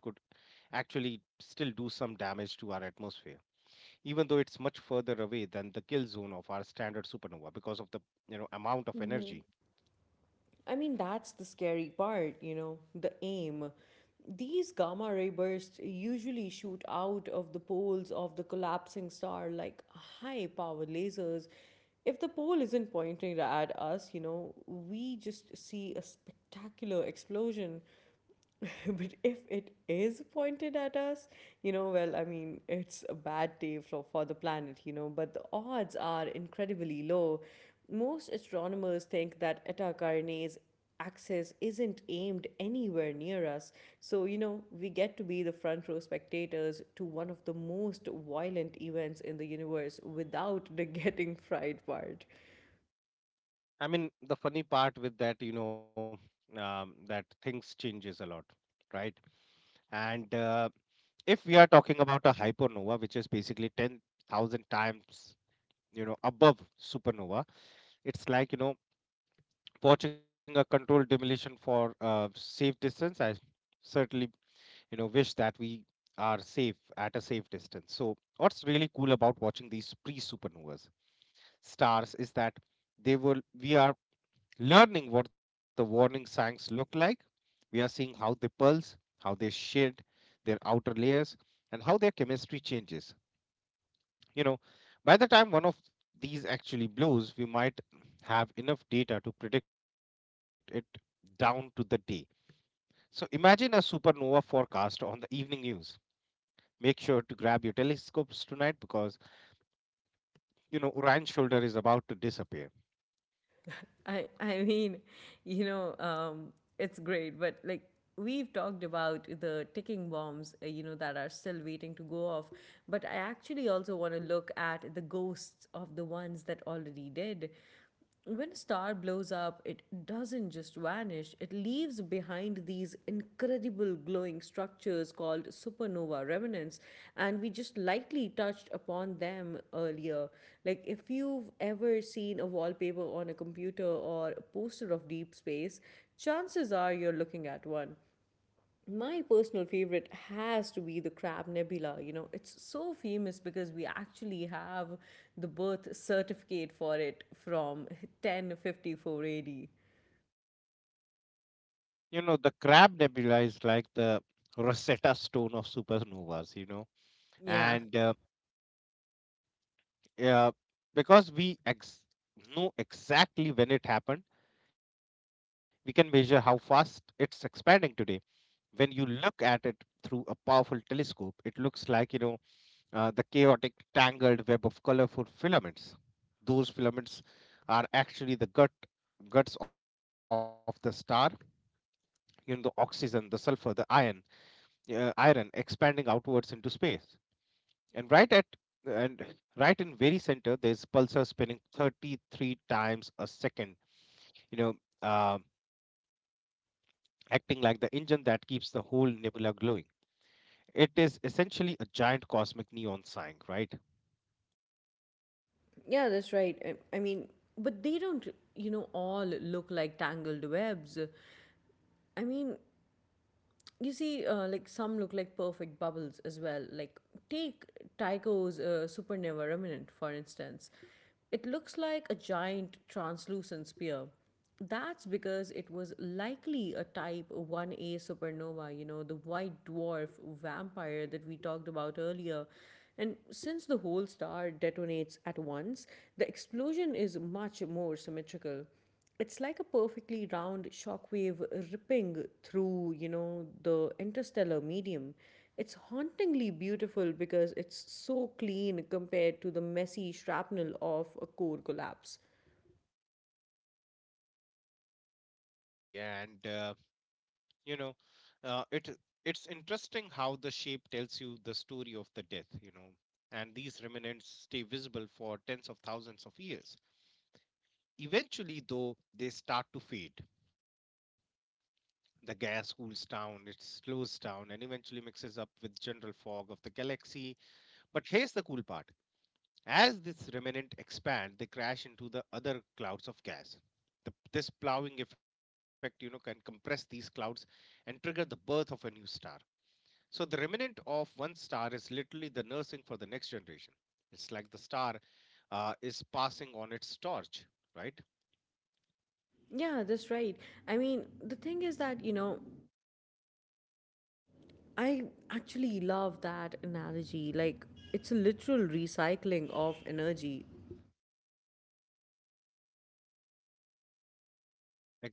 actually still do some damage to our atmosphere, even though it's much further away than the kill zone of our standard supernova because of the you know amount of Yeah. energy. I mean, that's the scary part, you know, the aim. These gamma ray bursts usually shoot out of the poles of the collapsing star like high power lasers. If the pole isn't pointing at us, you know, we just see a spectacular explosion. But if it is pointed at us, you know, well, I mean, it's a bad day for, for the planet, you know, but the odds are incredibly low. Most astronomers think that Eta Carinae's axis isn't aimed anywhere near us. So, you know, we get to be the front row spectators to one of the most violent events in the universe without the getting fried part. I mean, the funny part with that, you know, um, that things changes a lot, right? And uh, if we are talking about a hypernova, which is basically ten thousand times you know above supernova, it's like you know watching a controlled demolition for uh, safe distance. I certainly, you know, wish that we are safe at a safe distance. So, what's really cool about watching these pre-supernovas stars is that they will we are learning what the warning signs look like. We are seeing how they pulse, how they shed their outer layers, and how their chemistry changes. You know, by the time one of these actually blows, we might have enough data to predict it down to the day. So imagine a supernova forecast on the evening news. Make sure to grab your telescopes tonight because you know Orion shoulder is about to disappear. I I mean, you know, um, it's great, but like we've talked about the ticking bombs, uh, you know, that are still waiting to go off. But I actually also want to look at the ghosts of the ones that already did. When a star blows up, it doesn't just vanish, it leaves behind these incredible glowing structures called supernova remnants. And we just lightly touched upon them earlier. Like, if you've ever seen a wallpaper on a computer or a poster of deep space, chances are you're looking at one. My personal favorite has to be the Crab Nebula. You know, it's so famous because we actually have the birth certificate for it from ten fifty-four ad. You know the Crab Nebula is like the Rosetta Stone of supernovas. You know, Yeah. and uh, uh, because we ex- know exactly when it happened, we can measure how fast it's expanding today. When you look at it through a powerful telescope, it looks like you know uh, the chaotic, tangled web of colorful filaments. Those filaments are actually the gut guts of the star. You know, the oxygen, the sulfur, the iron, uh, iron expanding outwards into space. And right at and right in very center, there's pulsar spinning thirty-three times a second. You know, uh, acting like the engine that keeps the whole nebula glowing. It is essentially a giant cosmic neon sign, right? Yeah, that's right. I, I mean, but they don't, you know, all look like tangled webs. I mean, you see, uh, like some look like perfect bubbles as well. Like, take Tycho's uh, supernova remnant, for instance. It looks like a giant translucent sphere. That's because it was likely a type one A supernova, you know, the white dwarf vampire that we talked about earlier. And since the whole star detonates at once, the explosion is much more symmetrical. It's like a perfectly round shockwave ripping through, you know, the interstellar medium. It's hauntingly beautiful because it's so clean compared to the messy shrapnel of a core collapse. Exactly, and uh, you know uh, it it's interesting how the shape tells you the story of the death, you know, and these remnants stay visible for tens of thousands of years. Eventually though they start to fade. The gas cools down, it slows down, and eventually mixes up with general fog of the galaxy. But here's the cool part: as this remnant expand, they crash into the other clouds of gas. The, this plowing effect you know can compress these clouds and trigger the birth of a new star. So the remnant of one star is literally the nursing for the next generation. It's like the star uh, is passing on its torch, right? Yeah, that's right. I mean, the thing is that, you know, I actually love that analogy. Like, it's a literal recycling of energy.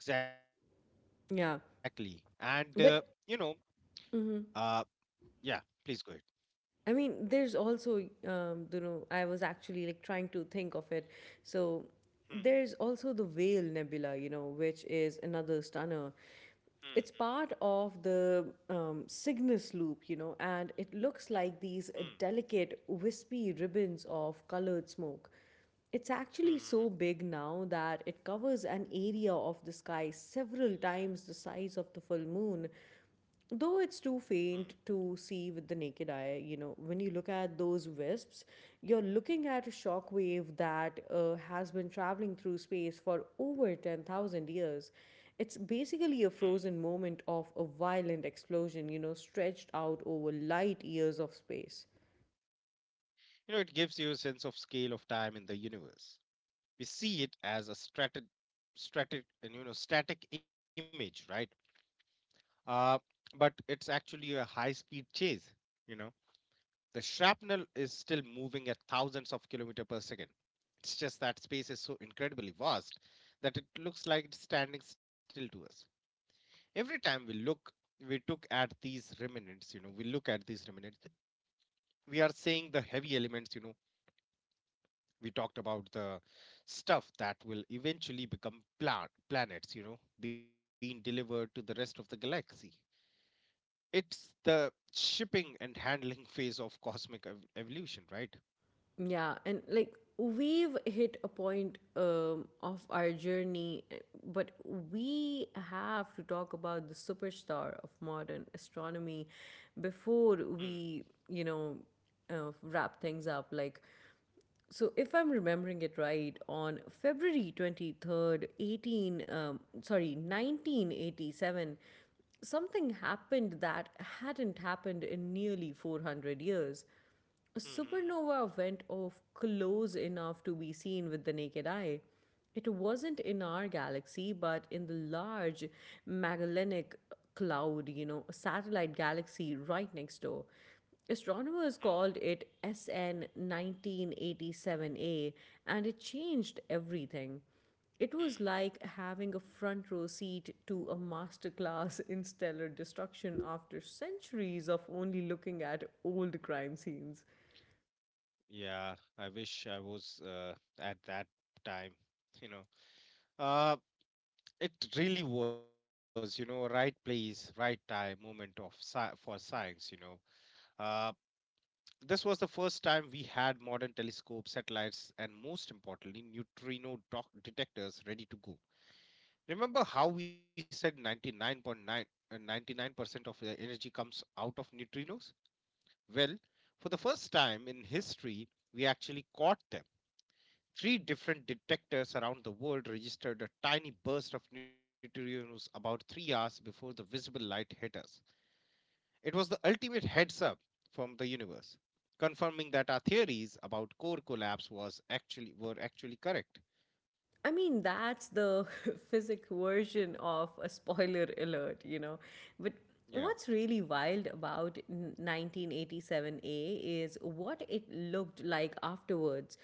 Exactly. And uh, Yeah. you know, But uh, yeah. Please go ahead. I mean, there's also, um, you know, I was actually like trying to think of it. So Hmm, there's also the Whale Nebula, you know, which is another stunner. hmm, It's part of the um, Cygnus loop, you know, and it hmm, hmm, looks like these uh, delicate, wispy ribbons of colored smoke. It's hmm, actually so big now that it covers an area of the sky several times the size of the full moon. Though hmm, it's too faint to see with the naked eye, you know, when you look at those wisps, you're looking at a shockwave that uh, has been traveling through space for over ten thousand years. It's hmm, hmm. basically a frozen moment of a violent explosion, you know, stretched out over light years of space. You know, it gives you a sense of scale of time in the universe. We see it as a static, static, and you know, static image, right? Uh, but it's actually a high-speed chase. You know the shrapnel is still moving at thousands of kilometers per second. It's just that space is so incredibly vast that it looks like it's standing still to us. Every time we look, we took at these remnants, you know, we look at these remnants, we are saying the heavy elements, you know, we talked about the stuff that will eventually become pla- planets, you know, being delivered to the rest of the galaxy. It's the shipping and handling phase of cosmic ev- evolution, right? Yeah, and like we've hit a point um, of our journey, eh, but we have to talk about the superstar of modern astronomy before we, you know, uh, wrap things up. Like, so, if I'm remembering it right, on February twenty-third, 18, um, sorry, nineteen eighty-seven, something happened that hadn't happened in nearly four hundred years. A Mm-hmm. supernova went off close enough to be seen with the naked eye. It wasn't in our galaxy, but in the Large Magellanic Cloud, you know, a satellite galaxy right next door. Astronomers called it S N nineteen eighty-seven A, and it changed everything. It was Hmm. like having a front row seat to a masterclass in stellar destruction after centuries of only looking at old crime scenes. Yeah, I wish I was uh, at that time, you know. Uh, it really was, you know, right place, right time, moment of sci for science, you know. Uh, this was the first time we had modern telescopes, satellites, and most importantly, neutrino doc detectors ready to go. Remember how we said 99.9 uh, ninety-nine percent of the energy comes out of neutrinos? Well, for the first time in history, we actually caught them. Three different detectors around the world registered a tiny burst of neutrinos about three hours before the visible light hit us. It was the ultimate heads up from the universe, confirming that our theories about core collapse was actually were actually correct. I mean, that's the physic version of a spoiler alert, you know. But Yeah. what's really wild about nineteen eighty-seven A is what it looked like afterwards.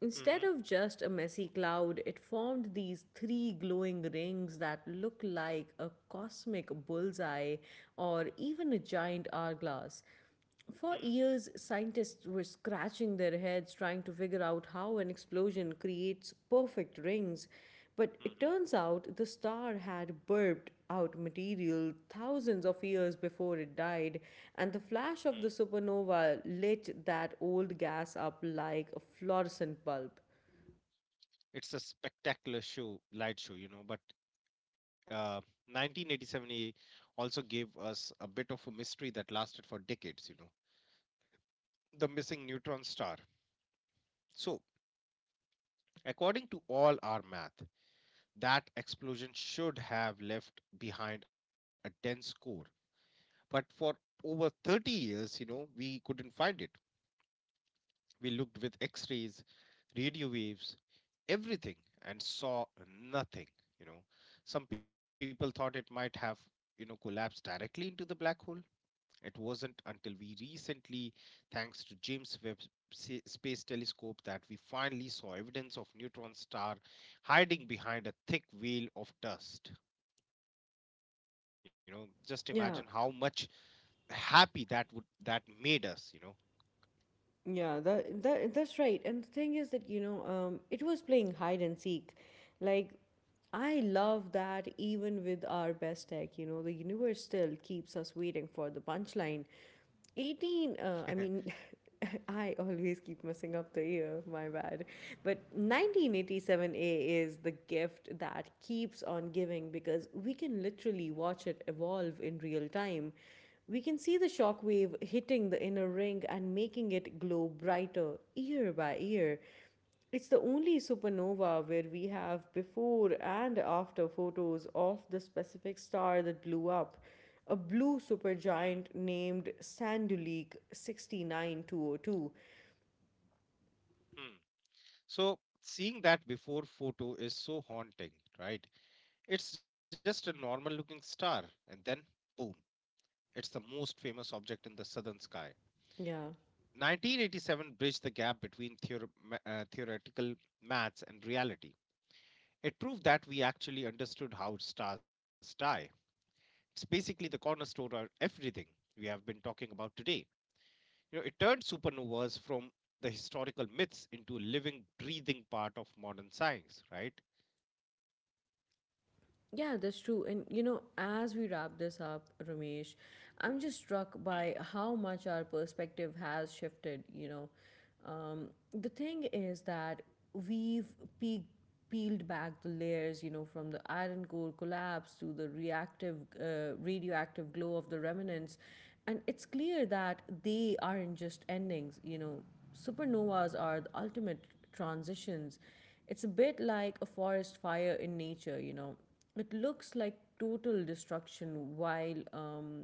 Instead Hmm, of just a messy cloud, it formed these three glowing rings that look like a cosmic bullseye or even a giant hourglass. For hmm, years, scientists were scratching their heads trying to figure out how an explosion creates perfect rings. But it hmm, turns out the star had burped out material thousands of years before it died, and the hmm. flash of the supernova lit that old gas up like a fluorescent bulb. It's a spectacular show, light show, you know. But uh, nineteen eighty-seven A also gave us a bit of a mystery that lasted for decades, you know. The missing neutron star. So according to all our math, that explosion should have left behind a dense core. But for over thirty years, you know, we couldn't find it. We looked with x rays, radio waves, everything, and saw nothing. You know, some people thought it might have, you know, collapsed directly into the black hole. It wasn't until we recently, thanks to James Webb Sa- Space Telescope, that we finally saw evidence of neutron star hiding behind a thick veil of dust. You know, just imagine how much Yeah. happy that would that made us. You know. Yeah, that, that that's right. And the thing is that, you know, um, it was playing hide and seek. Like, I love that even with our best tech, you know, the universe still keeps us waiting for the punchline. 18, uh, I mean, I always keep messing up the year, my bad. But nineteen eighty-seven A is the gift that keeps on giving because we can literally watch it evolve in real time. We can Hmm, see the shock wave hitting the inner ring and making it glow brighter year by year. It's the only supernova where we have before and after photos of the specific star that blew up, a blue hmm, supergiant named Sandulik sixty-nine two oh two. hmm. So seeing that before photo is so haunting, right? It's just a normal looking star, and then boom, it's the most famous object in the southern sky. Yeah. nineteen eighty-seven bridged the gap between theor- uh, theoretical maths and reality. It proved that we actually understood how stars die. It's basically the cornerstone of everything we have been talking about today. You know, it turned supernovas from the historical myths into a living, breathing part of modern science, right? Yeah, that's true. And you know, as we wrap this up, Ramesh, I'm just Hmm, struck by how much our perspective has shifted. You know, um, the thing is that we've pe- peeled back the layers, you know, from the iron core collapse to the reactive, uh, radioactive glow of the remnants. And it's clear that they aren't just endings, you know, supernovas are the ultimate transitions. It's a bit like a forest fire in nature, you know. It looks like total destruction while um,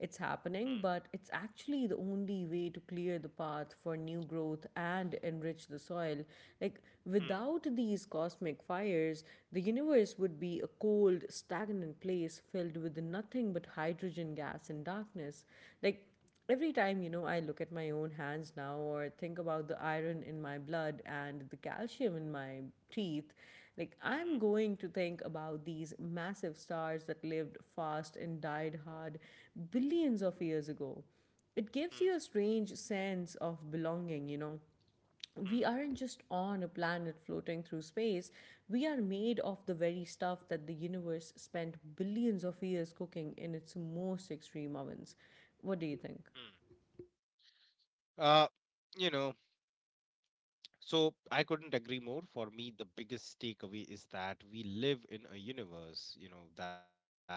it's hmm, happening, but it's actually the only way to clear the path for new growth and enrich the soil. Like, hmm, without these cosmic fires, the universe would be a cold, stagnant place filled with nothing but hydrogen gas and darkness. Like, every time, you know, I look at my own hands now or think about the iron in my blood and the calcium in my teeth, like hmm, I'm hmm, going to think about these massive stars that lived fast and died hard billions of years ago. It gives you a strange sense of belonging, you know. We hmm, aren't just on a planet floating through space, we are made of the very stuff that the universe spent billions of years cooking in its most extreme ovens. What do you think? hmm, hmm. Uh, you know, so I couldn't agree more. For me, the biggest takeaway is that we live in a universe, you know, that uh,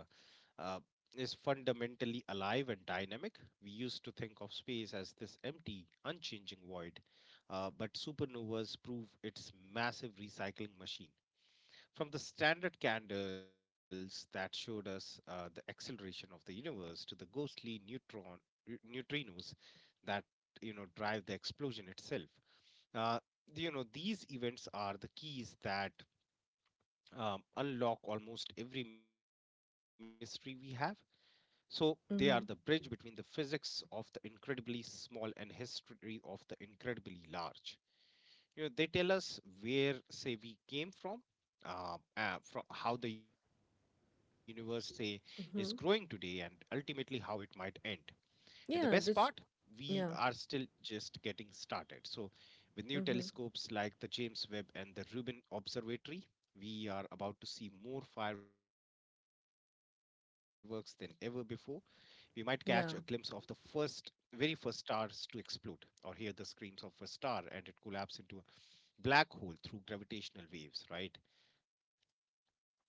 uh, is fundamentally alive and dynamic. We used to think of space as this empty, unchanging void, uh, but supernovas prove its massive recycling machine. From the standard candles that showed us uh, the acceleration of the universe to the ghostly neutron neutrinos that you know drive the explosion itself, uh, you know, these events are the keys that um, unlock almost every mystery we have. So they are the bridge between the Mm-hmm. physics of the incredibly small and history of the incredibly large. You know, they tell us where, say, we came from, uh, uh, from how the universe, say, is growing today, and Mm-hmm. ultimately how it might end. And the best part, Yeah, that's we are still yeah. just getting started. So, with new Mm-hmm. telescopes like the James Webb and the Rubin Observatory, we are about to see more fireworks than ever before. We might catch a glimpse of the first, very Yeah. first stars to explode, or hear the screams of a star and it collapse into a black hole through gravitational waves, right?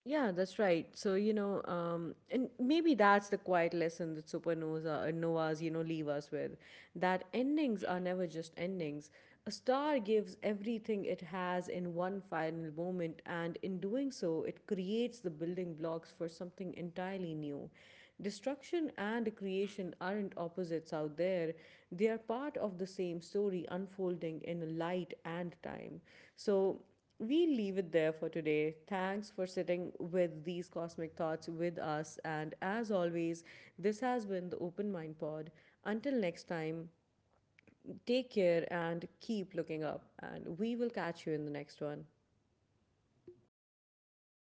Yeah, that's right. So, you know, um, and maybe that's the quiet lesson that supernovas, uh, novas, you know, leave us with, that Hmm, endings are never just endings. A star gives everything it has in one final moment, and in doing so, it creates the building blocks for something entirely new. hmm. Destruction and creation aren't opposites out there, they are part of the same story unfolding in light and time. So, we'll leave it there for today. Thanks for sitting with these cosmic thoughts with us. And as always, this has been the Open Mind Pod. Until next time, take care and keep looking up. And we will catch you in the next one.